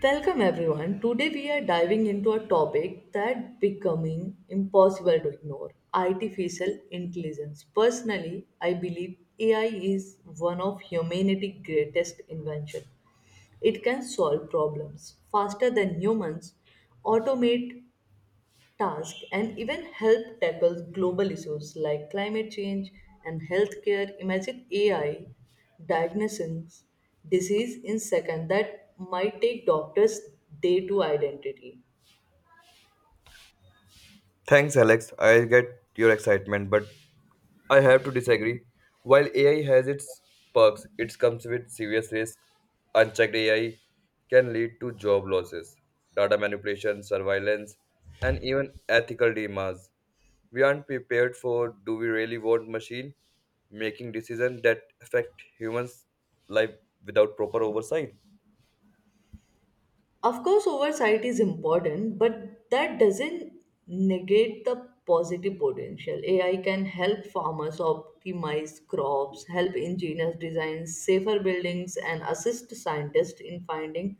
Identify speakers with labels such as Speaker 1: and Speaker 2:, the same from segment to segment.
Speaker 1: Welcome everyone. Today we are diving into a topic that becoming impossible to ignore, artificial intelligence. Personally, I believe AI is one of humanity's greatest invention. It can solve problems faster than humans, automate task and even help tackle global issues like climate change and healthcare. Imagine AI diagnosing disease in seconds that might take doctors day to identity.
Speaker 2: Thanks, Alex. I get your excitement, but I have to disagree. While AI has its perks, it comes with serious risks. Unchecked AI can lead to job losses, data manipulation, surveillance, and even ethical dilemmas. We aren't prepared for do we really want machine making decisions that affect humans' life without proper oversight?
Speaker 1: Of course, oversight is important, but that doesn't negate the positive potential. AI can help farmers optimize crops, help engineers design safer buildings, and assist scientists in finding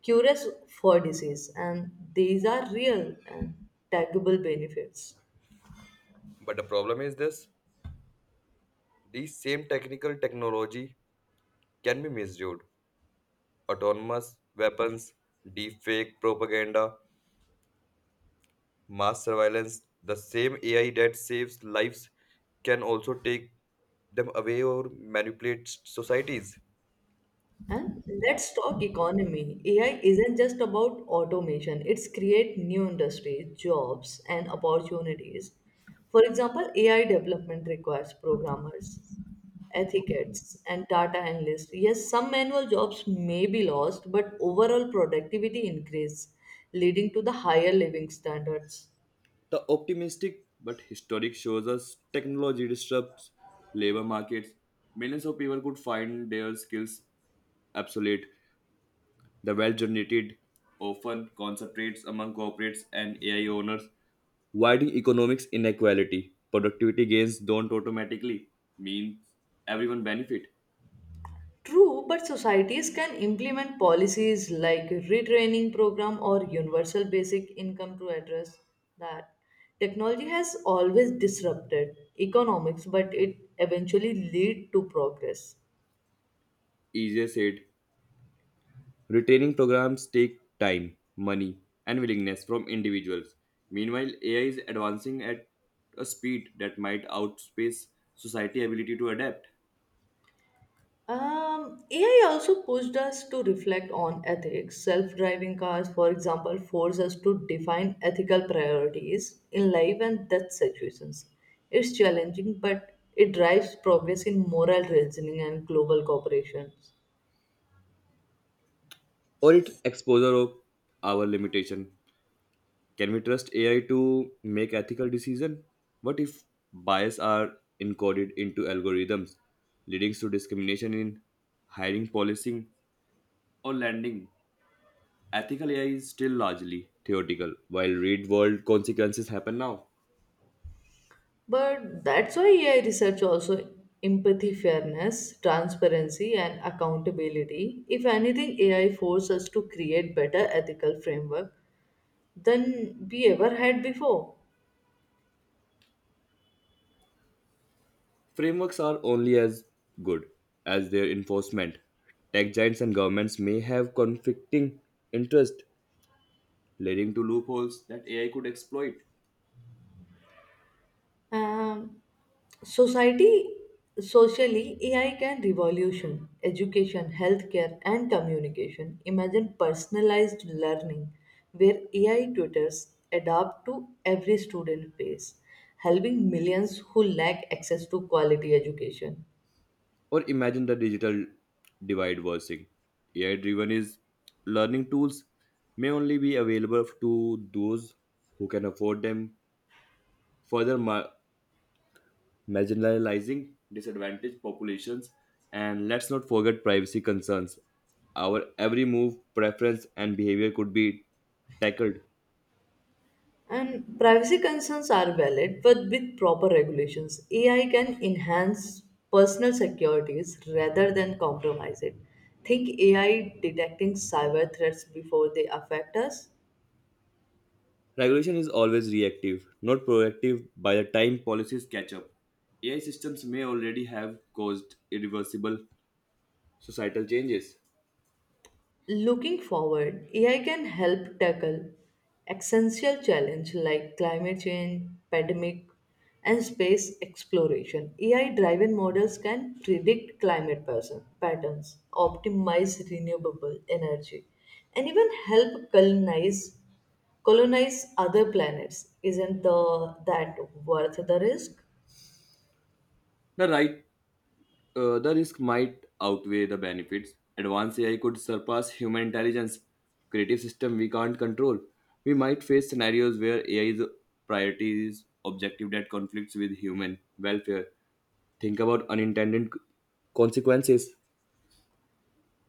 Speaker 1: cures for disease. And these are real and tangible benefits.
Speaker 2: But the problem is this: these same technical technology can be misused autonomous weapons, deepfake propaganda, mass surveillance. The same AI that saves lives can also take them away or manipulate societies.
Speaker 1: And let's talk economy. AI isn't just about automation, it's create new industries, jobs, and opportunities. For example, AI development requires programmers, ethicists, and data analysts. Yes, some manual jobs may be lost, but overall productivity increase, leading to the higher living standards.
Speaker 2: The optimistic but historic shows us technology disrupts labor markets. Millions of people could find their skills obsolete. The wealth generated often concentrates among corporates and AI owners. Widening economics inequality. Productivity gains don't automatically mean everyone benefit.
Speaker 1: True, but societies can implement policies like retraining program or universal basic income to address that. Technology has always disrupted economics, but it eventually lead to progress.
Speaker 2: Easier said. Retaining programs take time, money, and willingness from individuals. Meanwhile, AI is advancing at a speed that might outpace society ability to adapt.
Speaker 1: AI also pushed us to reflect on ethics. Self driving cars, for example, force us to define ethical priorities in life and death situations. It's challenging, but it drives progress in moral reasoning and global cooperation.
Speaker 2: Or its exposure of our limitation. Can we trust AI to make ethical decisions? What if bias are encoded into algorithms, leading to discrimination in hiring, policing, or lending? Ethical AI is still largely theoretical, while real world consequences happen now.
Speaker 1: But that's why AI research also empathy, fairness, transparency, and accountability. If anything, AI forces us to create better ethical framework than we ever had before.
Speaker 2: Frameworks are only as good as their enforcement. Tech giants and governments may have conflicting interests, leading to loopholes that AI could exploit.
Speaker 1: Um, society, Socially, AI can revolution education, healthcare, and communication. Imagine personalized learning where AI tutors adapt to every student pace, helping millions who lack access to quality education.
Speaker 2: Or imagine the digital divide worsening. AI driven is learning tools may only be available to those who can afford them, further mar- marginalizing disadvantaged populations. And let's not forget privacy concerns. Our every move, preference, and behavior could be tackled.
Speaker 1: And privacy concerns are valid, but with proper regulations, AI can enhance personal securities rather than compromise it. Think AI detecting cyber threats before they affect us?
Speaker 2: Regulation is always reactive, not proactive by the time policies catch up. AI systems may already have caused irreversible societal changes.
Speaker 1: Looking forward, AI can help tackle existential challenges like climate change, pandemic, and space exploration. AI-driven models can predict patterns, optimize renewable energy, and even help colonize other planets. Isn't that worth the risk?
Speaker 2: The right, the risk might outweigh the benefits. Advanced AI could surpass human intelligence. Creative system we can't control. We might face scenarios where AI's priorities objective that conflicts with human welfare. Think about consequences.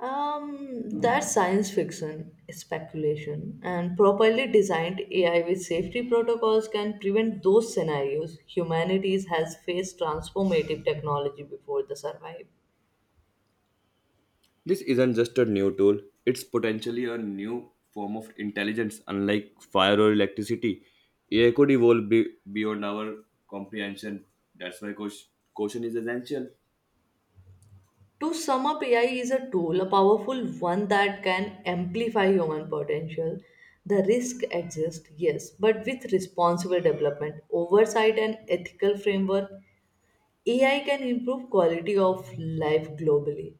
Speaker 1: That's science fiction, speculation, and properly designed AI with safety protocols can prevent those scenarios. Humanity has faced transformative technology before the survive.
Speaker 2: This isn't just a new tool; it's potentially a new form of intelligence. Unlike fire or electricity, AI could beyond our comprehension. That's why caution is essential.
Speaker 1: To sum up, AI is a tool, a powerful one that can amplify human potential. The risk exists, yes, but with responsible development, oversight, and ethical framework, AI can improve quality of life globally.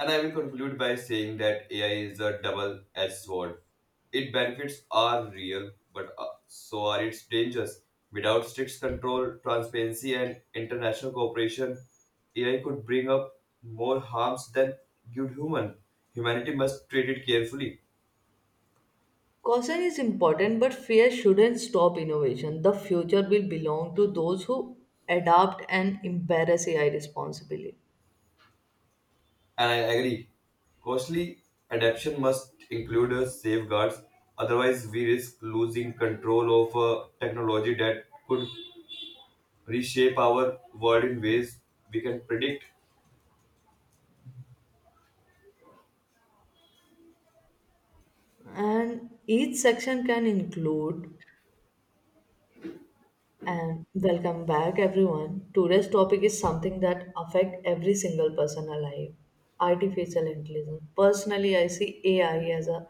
Speaker 2: And I will conclude by saying that AI is a double edged sword. Its benefits are real, but so are its dangers. Without strict control, transparency, and international cooperation, AI could bring up more harms than good human. Humanity must treat it carefully.
Speaker 1: Caution is important, but fear shouldn't stop innovation. The future will belong to those who adapt and embrace AI responsibly.
Speaker 2: And I agree. Costly adaptation must include safeguards, otherwise, we risk losing control of a technology that could reshape our world in ways we can predict.
Speaker 1: And each section can include and welcome back everyone. Today's topic is something that affect every single person alive. Artificial intelligence. Personally, I see AI as a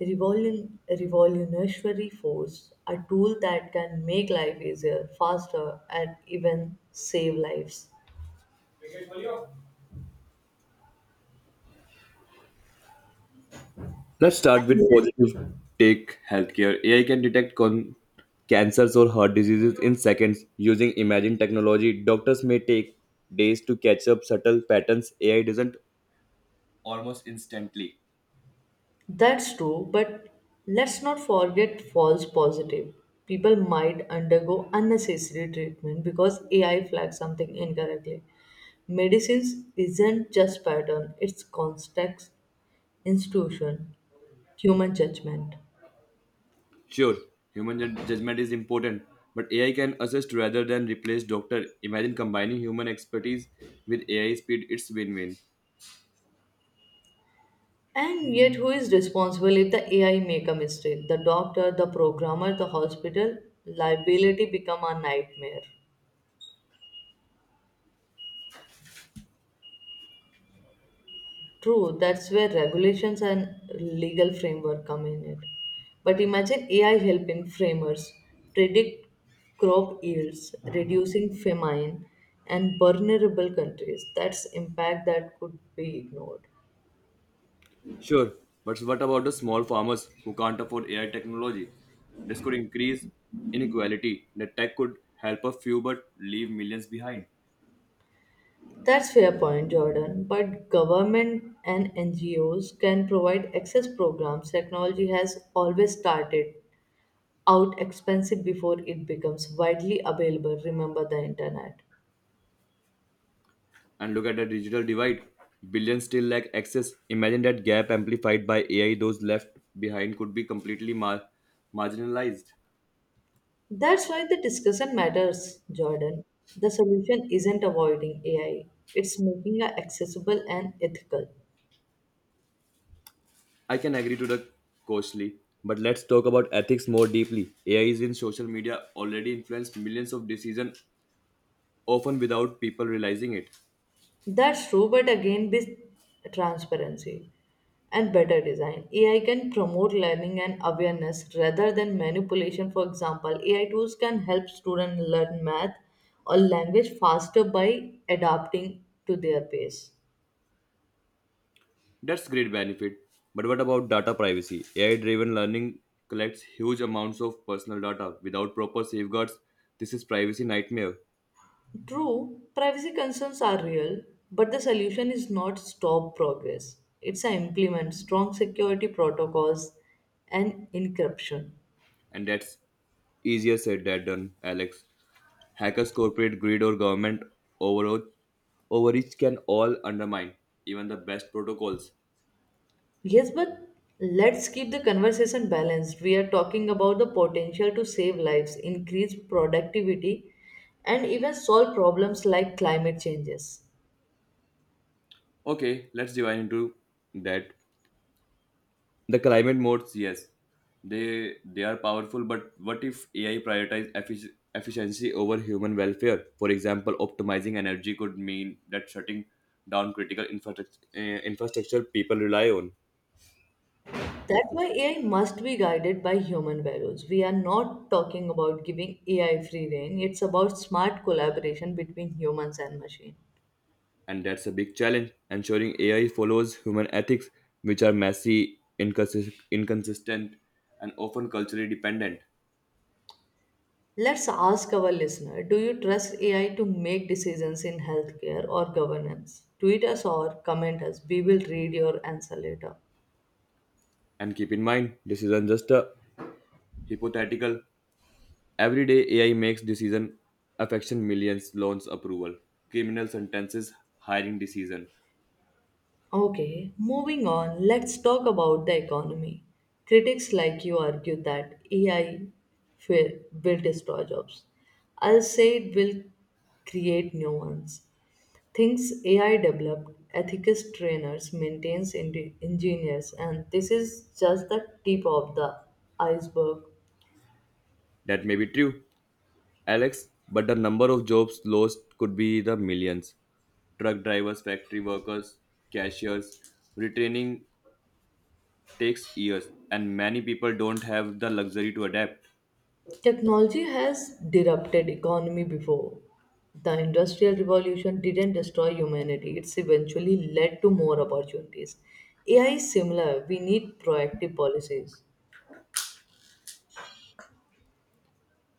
Speaker 1: revolutionary force, a tool that can make life easier, faster, and even save lives.
Speaker 2: Let's start with positive take healthcare. AI can cancers or heart diseases in seconds using imaging technology. Doctors may take days to catch up subtle patterns. AI doesn't almost instantly.
Speaker 1: That's true, but let's not forget false positive. People might undergo unnecessary treatment because AI flags something incorrectly. Medicines isn't just pattern, it's context, institution, human judgment.
Speaker 2: Sure, judgment is important, but AI can assist rather than replace doctor. Imagine combining human expertise with AI speed. It's win-win.
Speaker 1: And yet who is responsible if the AI make a mistake? The doctor, the programmer, the hospital, liability become a nightmare. True, that's where regulations and legal framework come in it. But imagine AI helping framers predict crop yields, reducing famine and vulnerable countries. That's impact that could be ignored.
Speaker 2: Sure, but what about the small farmers who can't afford AI technology? This could increase inequality. The tech could help a few but leave millions behind.
Speaker 1: That's fair point, Jordan. But government and NGOs can provide access programs. Technology has always started out expensive before it becomes widely available. Remember the internet.
Speaker 2: And look at the digital divide. Billions still lack access. Imagine that gap amplified by AI, those left behind could be marginalized.
Speaker 1: That's why the discussion matters, Jordan. The solution isn't avoiding AI, it's making it accessible and ethical.
Speaker 2: I can agree to the costly, but let's talk about ethics more deeply. AI is in social media already influenced millions of decisions, often without people realizing it.
Speaker 1: That's true, but again, with transparency and better design, AI can promote learning and awareness rather than manipulation. For example, AI tools can help students learn math or language faster by adapting to their pace.
Speaker 2: That's great benefit. But what about data privacy? AI-driven learning collects huge amounts of personal data without proper safeguards. This is privacy nightmare,
Speaker 1: True, privacy concerns are real, but the solution is not stop progress. It's a implement strong security protocols and encryption.
Speaker 2: and that's easier said than done, Alex. Hackers, corporate greed, or government overreach, overreach can all undermine even the best protocols.
Speaker 1: Yes, but let's keep the conversation balanced. We are talking about the potential to save lives, increase productivity, and even solve problems like climate changes.
Speaker 2: Okay, let's dive into that. The climate modes, yes, they are powerful. But what if AI efficiency over human welfare? For example, optimizing energy could mean that shutting down critical infrastructure people rely on,
Speaker 1: That's why AI must be guided by human values. We are not talking about giving AI free rein. It's about smart collaboration between humans and machine.
Speaker 2: and that's a big challenge. Ensuring AI follows human ethics, which are messy, inconsistent, and often culturally dependent.
Speaker 1: Let's ask our listener, do you trust AI to make decisions in healthcare or governance? Tweet us or comment us. We will read your answer later.
Speaker 2: And keep in mind, this isn't just a hypothetical. Every day, AI makes decision affection millions, loans approval, criminal sentences, hiring decision.
Speaker 1: Okay, moving on, let's talk about the economy. Critics like you argue that AI will destroy jobs. I'll say it will create new ones. Things AI developed, ethicist trainers, engineers, and this is just the tip of the iceberg.
Speaker 2: That may be true, Alex, but the number of jobs lost could be the millions. Truck drivers, factory workers, cashiers, retraining takes years, and many people don't have the luxury to adapt.
Speaker 1: Technology has disrupted economy before. The industrial revolution didn't destroy humanity. It's eventually led to more opportunities. AI is similar. We need proactive policies.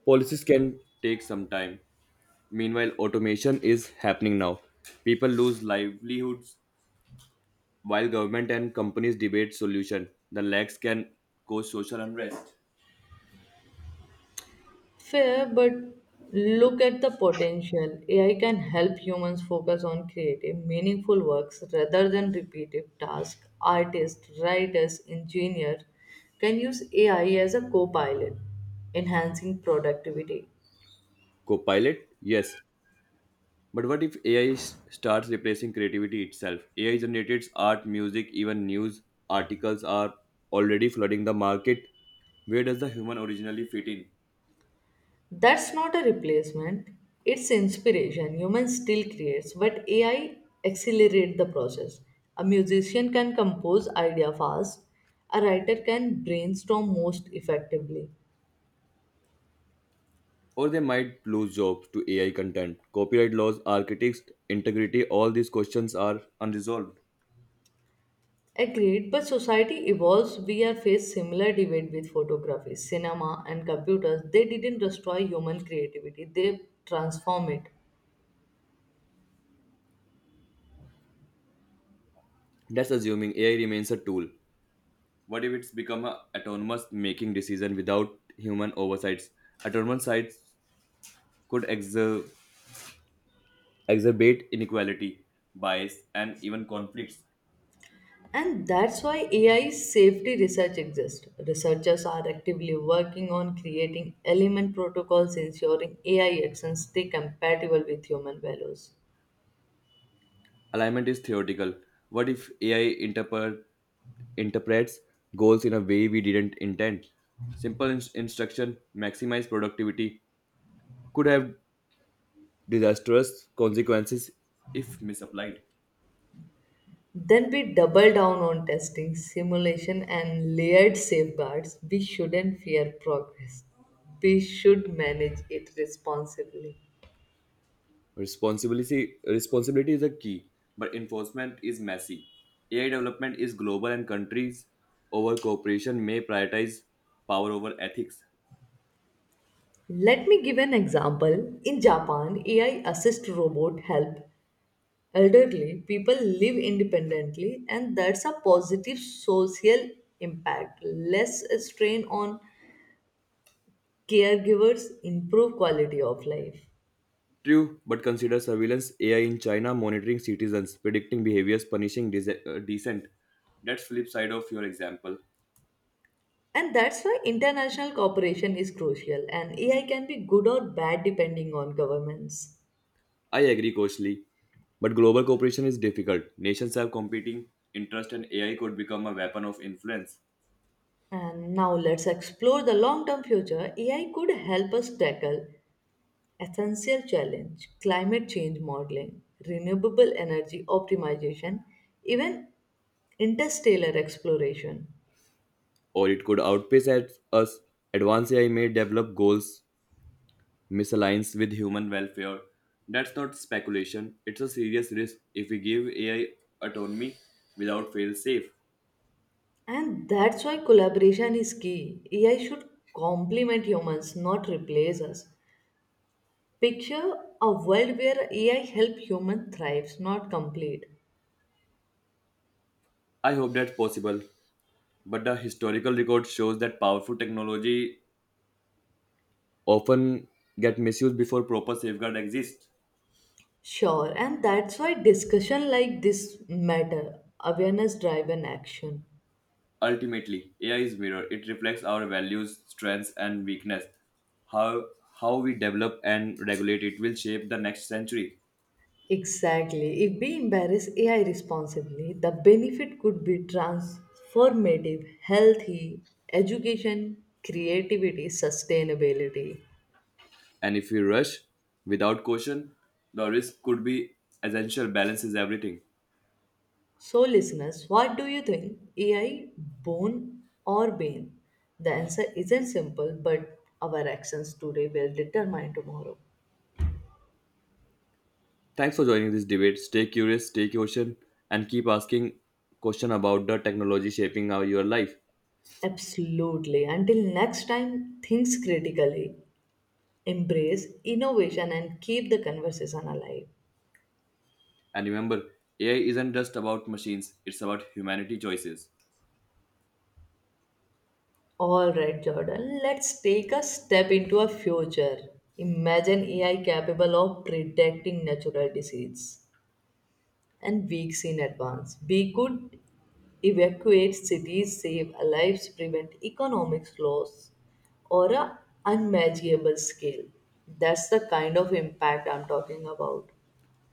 Speaker 2: Policies can take some time. Meanwhile, automation is happening now. People lose livelihoods while government and companies debate solution, the lags can cause social unrest.
Speaker 1: Fair, but look at the potential. AI can help humans focus on creative, meaningful works rather than repetitive tasks. Artists, writers, engineers can use AI as a co pilot, enhancing productivity.
Speaker 2: Copilot? Yes. But what if AI starts replacing creativity itself? AI generated art, music, even news articles are already flooding the market. Where does the human originally fit in?
Speaker 1: That's not a replacement, it's inspiration. Humans still creates, but AI accelerate the process. A musician can compose idea fast, a writer can brainstorm most effectively.
Speaker 2: Or they might lose jobs to AI content. Copyright laws, architects, integrity, all these questions are unresolved.
Speaker 1: Agreed, but society evolves. We are faced similar debate with photography, cinema, and computers. They didn't destroy human creativity; they transform it.
Speaker 2: That's assuming AI remains a tool. What if it's become a autonomous making decision without human oversights? Autonomous sites could exacerbate inequality, bias, and even conflicts.
Speaker 1: And that's why AI safety research exists. Researchers are actively working on creating element protocols ensuring AI actions stay compatible with human values.
Speaker 2: Alignment is theoretical. What if AI interprets goals in a way we didn't intend? Instruction, maximize productivity, could have disastrous consequences if misapplied.
Speaker 1: Then we double down on testing, simulation, and layered safeguards. We shouldn't fear progress. We should manage it responsibly.
Speaker 2: Responsibility is a key, but enforcement is messy. AI development is global and countries over cooperation may prioritize power over ethics.
Speaker 1: Let me give an example. In Japan, AI assist robot help elderly people live independently, and that's a positive social impact. Less strain on caregivers, improve quality of life.
Speaker 2: True, but consider surveillance AI in China monitoring citizens, predicting behaviors, dissent. That's flip side of your example.
Speaker 1: And that's why international cooperation is crucial, and AI can be good or bad depending on governments.
Speaker 2: I agree, Coach Lee, but global cooperation is difficult. Nations have competing interests, and AI could become a weapon of influence,
Speaker 1: And now let's explore the long term future. AI could help us tackle essential challenge, climate change modeling, renewable energy optimization, even interstellar exploration.
Speaker 2: or it could outpace at us. Advanced AI may develop goals misaligns with human welfare. That's not speculation, it's a serious risk if we give AI autonomy without fail safe.
Speaker 1: And that's why collaboration is key. AI should complement humans, not replace us. Picture a world where AI help human thrives, not complete.
Speaker 2: I hope that's possible, but the historical record shows that powerful technology often get misused before proper safeguard exists.
Speaker 1: Sure, and that's why discussion like this matter, awareness driven action.
Speaker 2: Ultimately, AI is mirror. It reflects our values, strengths and weakness. How how we develop and regulate it will shape the next century.
Speaker 1: Exactly. If we embrace AI responsibly, the benefit could be transformative, healthy, education, creativity, sustainability.
Speaker 2: And if we rush without caution, the risk could be essential. Balance is everything.
Speaker 1: So, listeners, what do you think? AI bone or bane? The answer isn't simple, but our actions today will determine tomorrow.
Speaker 2: Thanks for joining this debate. Stay curious, stay caution, and keep asking question about the technology shaping our, your life.
Speaker 1: Absolutely. Until next time, think critically, embrace innovation, and keep the conversation alive.
Speaker 2: And remember, AI isn't just about machines, it's about humanity choices.
Speaker 1: All right, Jordan, let's take a step into a future. Imagine AI capable of predicting natural disease and weeks in advance. We could evacuate cities, save lives, prevent economic loss, or a unmeasurable scale. That's the kind of impact I'm talking about.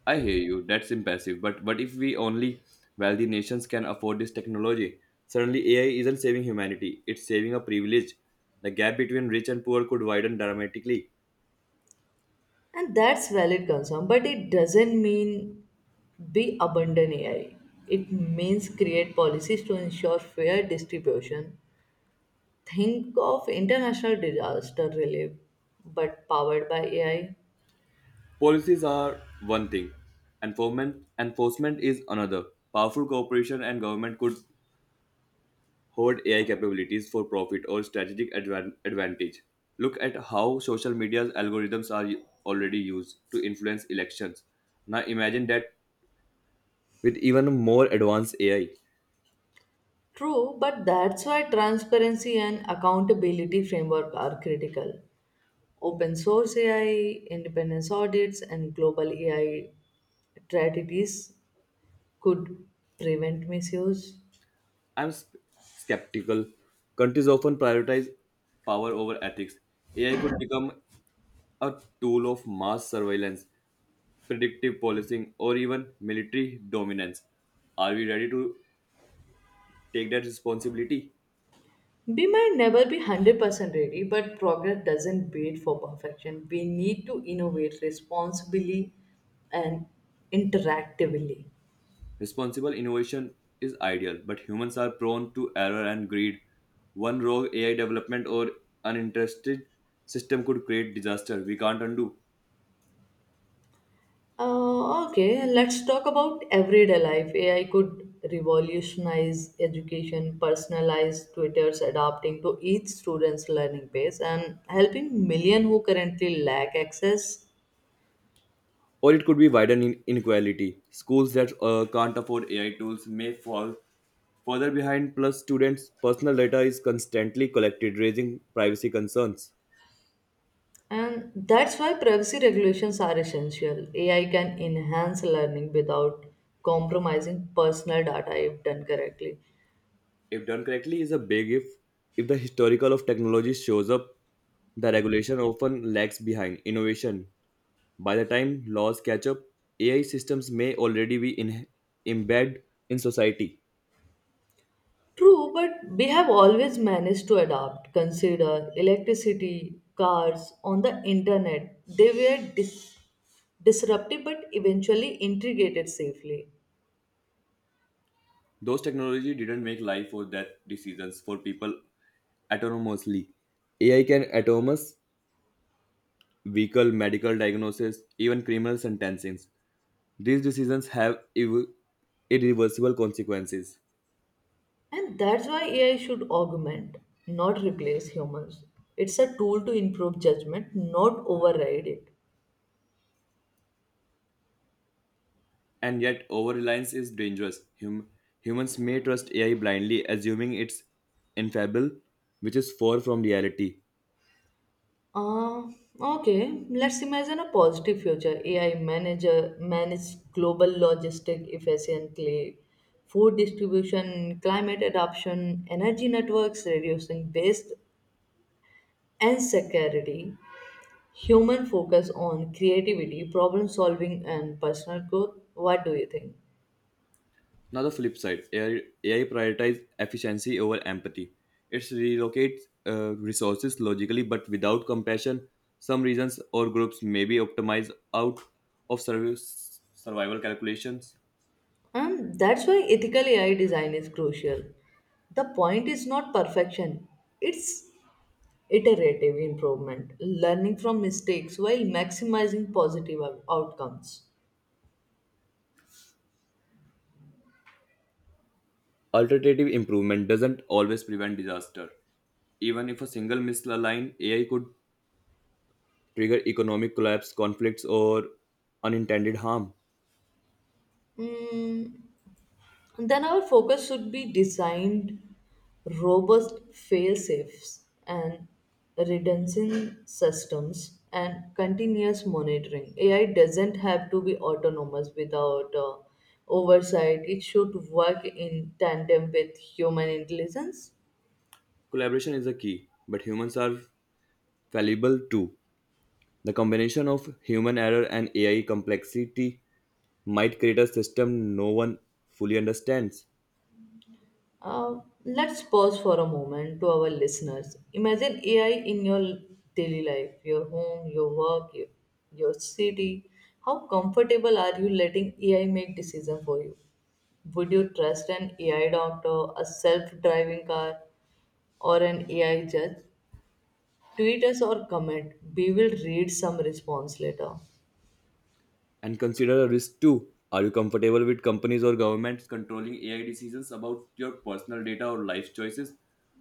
Speaker 2: I hear you, that's impressive. But what if we only wealthy nations can afford this technology? Suddenly, AI isn't saving humanity, it's saving a privilege. The gap between rich and poor could widen dramatically.
Speaker 1: And that's valid concern, but it doesn't mean be abandon AI. It means create policies to ensure fair distribution. Think of international disaster relief, but powered by AI.
Speaker 2: Policies are one thing, enforcement is another. Powerful corporation and government could hoard AI capabilities for profit or advantage. Look at how social media's algorithms are already used to influence elections. Now imagine that with even more advanced AI.
Speaker 1: True, but that's why transparency and accountability framework are critical. Open source AI, independence audits, and global AI strategies could prevent misuse.
Speaker 2: I'm sp- skeptical. Countries often prioritize power over ethics. AI could become a tool of mass surveillance predictive policing, or even military dominance. Are we ready to take that responsibility?
Speaker 1: We might never be 100% ready, but progress doesn't wait for perfection. We need to innovate responsibly and interactively.
Speaker 2: Responsible innovation is ideal, but humans are prone to error and greed. One wrong AI development or uninterested system could create disaster we can't undo.
Speaker 1: Okay, let's talk about everyday life. AI could revolutionize education, personalize tutors adapting to each student's learning pace, and helping million who currently lack access.
Speaker 2: Or it could be inequality. Schools that can't afford AI tools may fall further behind, plus, students' personal data is constantly collected, raising privacy concerns.
Speaker 1: And that's why privacy regulations are essential. AI can enhance learning without compromising personal data if done correctly.
Speaker 2: If done correctly is a big if the historical of technology shows up the regulation often lags behind innovation by the time laws catch up AI systems may already embedded in society.
Speaker 1: True, but we have always managed to adapt. Consider electricity, cars, on the internet. They were disruptive but eventually integrated safely.
Speaker 2: Those technology didn't make life or death decisions for people autonomously. AI can autonomous vehicle medical diagnosis even criminal sentencing these decisions irreversible consequences.
Speaker 1: And that's why AI should augment, not replace humans. It's a tool to improve judgment, not override it.
Speaker 2: And yet, over reliance is dangerous. Humans may trust AI blindly, assuming it's infallible, which is far from reality.
Speaker 1: Uh, okay, let's imagine a positive future. AI manage global logistic efficiently, food distribution, climate adoption, energy networks, reducing waste and security. Human focus on creativity, problem solving, and personal growth. What do you think?
Speaker 2: Now, the flip side AI, prioritizes efficiency over empathy. It relocates resources logically but without compassion. Some regions or groups may be optimized out of service, survival calculations.
Speaker 1: And that's why ethical AI design is crucial. The point is not perfection, it's iterative improvement, learning from mistakes while maximizing outcomes.
Speaker 2: Alternative improvement doesn't always prevent disaster. Even if a single misaligned AI could trigger economic collapse, conflicts, or unintended harm.
Speaker 1: Mm, then our focus should be designed robust fail safes and redundancy systems and continuous monitoring. AI doesn't have to be autonomous without oversight, it should work in tandem with human intelligence.
Speaker 2: Collaboration is a key, but humans are fallible too. The combination of human error and AI complexity might create a system no one fully understands.
Speaker 1: Let's pause for a moment to our listeners. Imagine AI in your daily life, your home, your work, your city. How comfortable are you letting AI make decisions for you? Would you trust an AI doctor, a self driving car, or an AI judge? Tweet us or comment. We will read some response later.
Speaker 2: And consider a risk too. Are you comfortable with companies or governments controlling AI decisions about your personal data or life choices?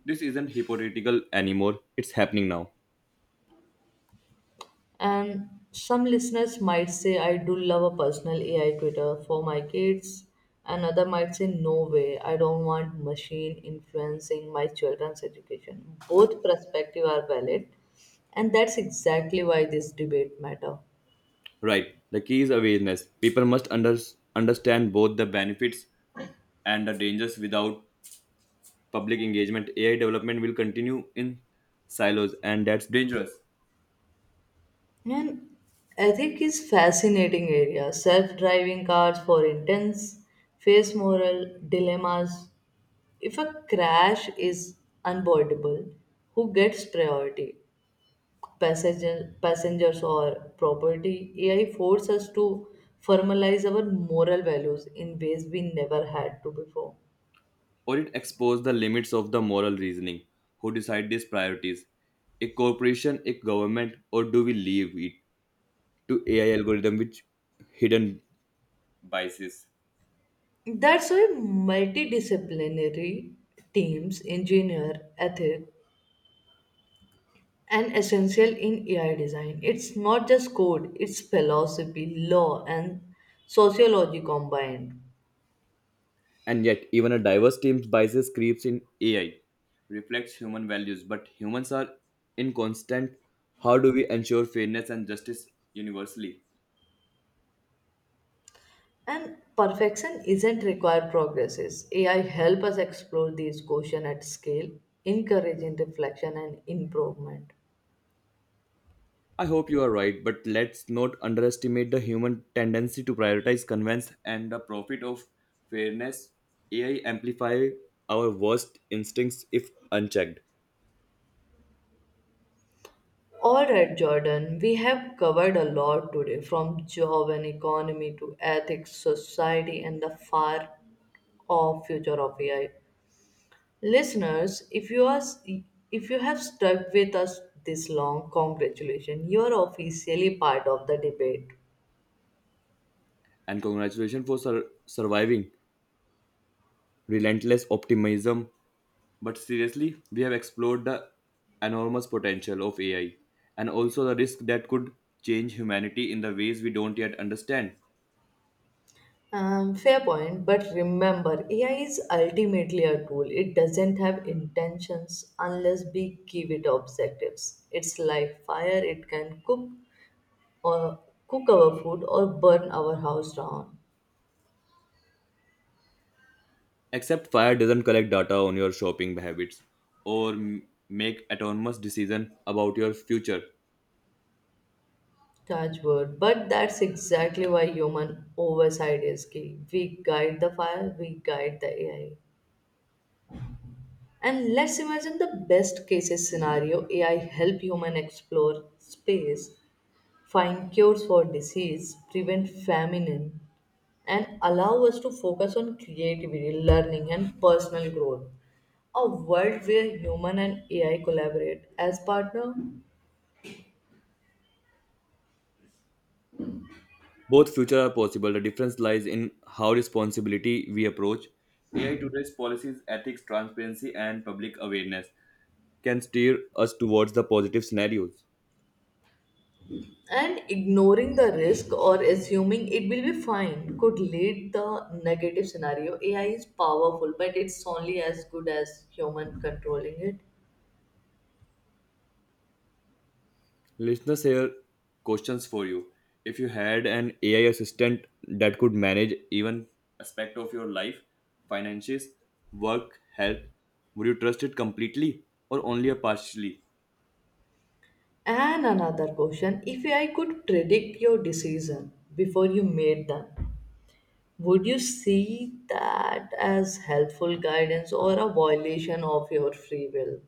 Speaker 2: This isn't hypothetical anymore, it's happening now.
Speaker 1: And some listeners might say, I do love a personal AI tutor for my kids. Another might say, no way, I don't want machine influencing my children's education. Both perspectives are valid, and that's exactly why this debate matter.
Speaker 2: Right, the key is awareness. People must understand both the benefits and the dangers without public engagement, AI development will continue in silos, and that's dangerous.
Speaker 1: And ethic is fascinating area. Self-driving cars for intense face moral dilemmas. If a crash is unavoidable, who gets priority? Passenger, passengers or property, AI forces us to formalize our moral values in ways we never had to before.
Speaker 2: Or it exposes the limits of the moral reasoning. Who decide these priorities? A corporation, a government, or do we leave it to AI algorithm which hidden biases?
Speaker 1: That's why multidisciplinary teams, engineer, ethic, and essential in AI design. It's not just code, it's philosophy, law, and sociology combined.
Speaker 2: And yet, even a diverse team's biases creeps in AI reflects human values, but humans are in how do we ensure fairness and justice universally?
Speaker 1: And perfection isn't required progresses. AI help us explore these questions at scale, encouraging reflection and improvement.
Speaker 2: I hope you are right, but let's not underestimate the human tendency to prioritize convenience and the profit of fairness. AI amplify our worst instincts if unchecked.
Speaker 1: All right, Jordan, we have covered a lot today from job and economy to ethics, society, and the far off future of AI. Listeners, if you have stuck with us this long, congratulations. You are officially part of the debate.
Speaker 2: And congratulations for surviving relentless optimism. But seriously, we have explored the enormous potential of AI and also the risk that could change humanity in the ways we don't yet understand.
Speaker 1: Fair point, but remember, AI is ultimately a tool. It doesn't have intentions unless we give it objectives. It's like fire; it can cook or cook our food or burn our house down.
Speaker 2: Except fire doesn't collect data on your shopping habits or make autonomous decision about your future.
Speaker 1: Touch wood, but that's exactly why human oversight is key. We guide the fire, we guide the AI. And let's imagine the best cases scenario: AI help human explore space find cures for disease, prevent famine, and allow us to focus on creativity, learning, and personal growth. A world where human and AI collaborate as partner
Speaker 2: Both future are possible. The difference lies in how responsibility we approach. AI today's policies, ethics, transparency, and public awareness can steer us towards the positive scenarios.
Speaker 1: and ignoring the risk or assuming it will be fine could lead the negative scenario. AI is powerful, but it's only as good as human controlling it.
Speaker 2: Listeners, here questions for you. If you had an AI assistant that could manage even aspect of your life, finances, work, health, would you trust it completely or only a partially?
Speaker 1: And another question, if AI could predict your decision before you made them, would you see that as helpful guidance or a violation of your free will?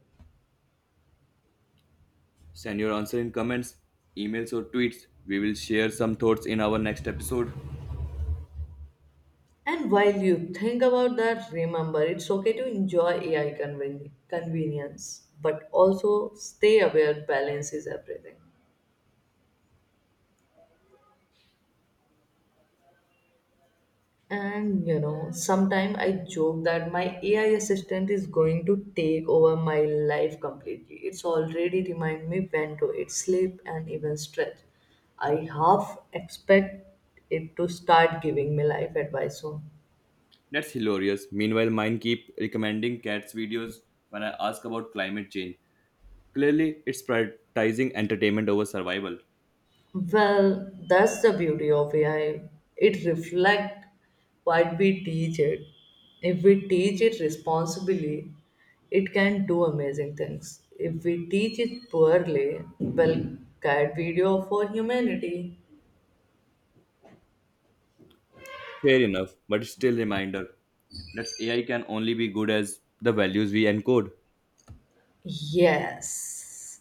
Speaker 2: Send your answer in comments, emails or tweets. We will share some thoughts in our next episode.
Speaker 1: And while you think about that, remember it's okay to enjoy convenience, but also stay aware balance is everything. And you know, sometimes I joke that my AI assistant is going to take over my life completely. It's already remind me when to eat, sleep, and even stretch. I half expect it to start giving me life advice soon.
Speaker 2: That's hilarious. Meanwhile, mine keep recommending cats videos when I ask about climate change. Clearly, it's prioritizing entertainment over survival.
Speaker 1: Well, that's the beauty of AI. It reflects what we teach it. If we teach it responsibly, it can do amazing things. If we teach it poorly, well, cat video for humanity.
Speaker 2: Fair enough, but still reminder that AI can only be good as the values we encode.
Speaker 1: Yes.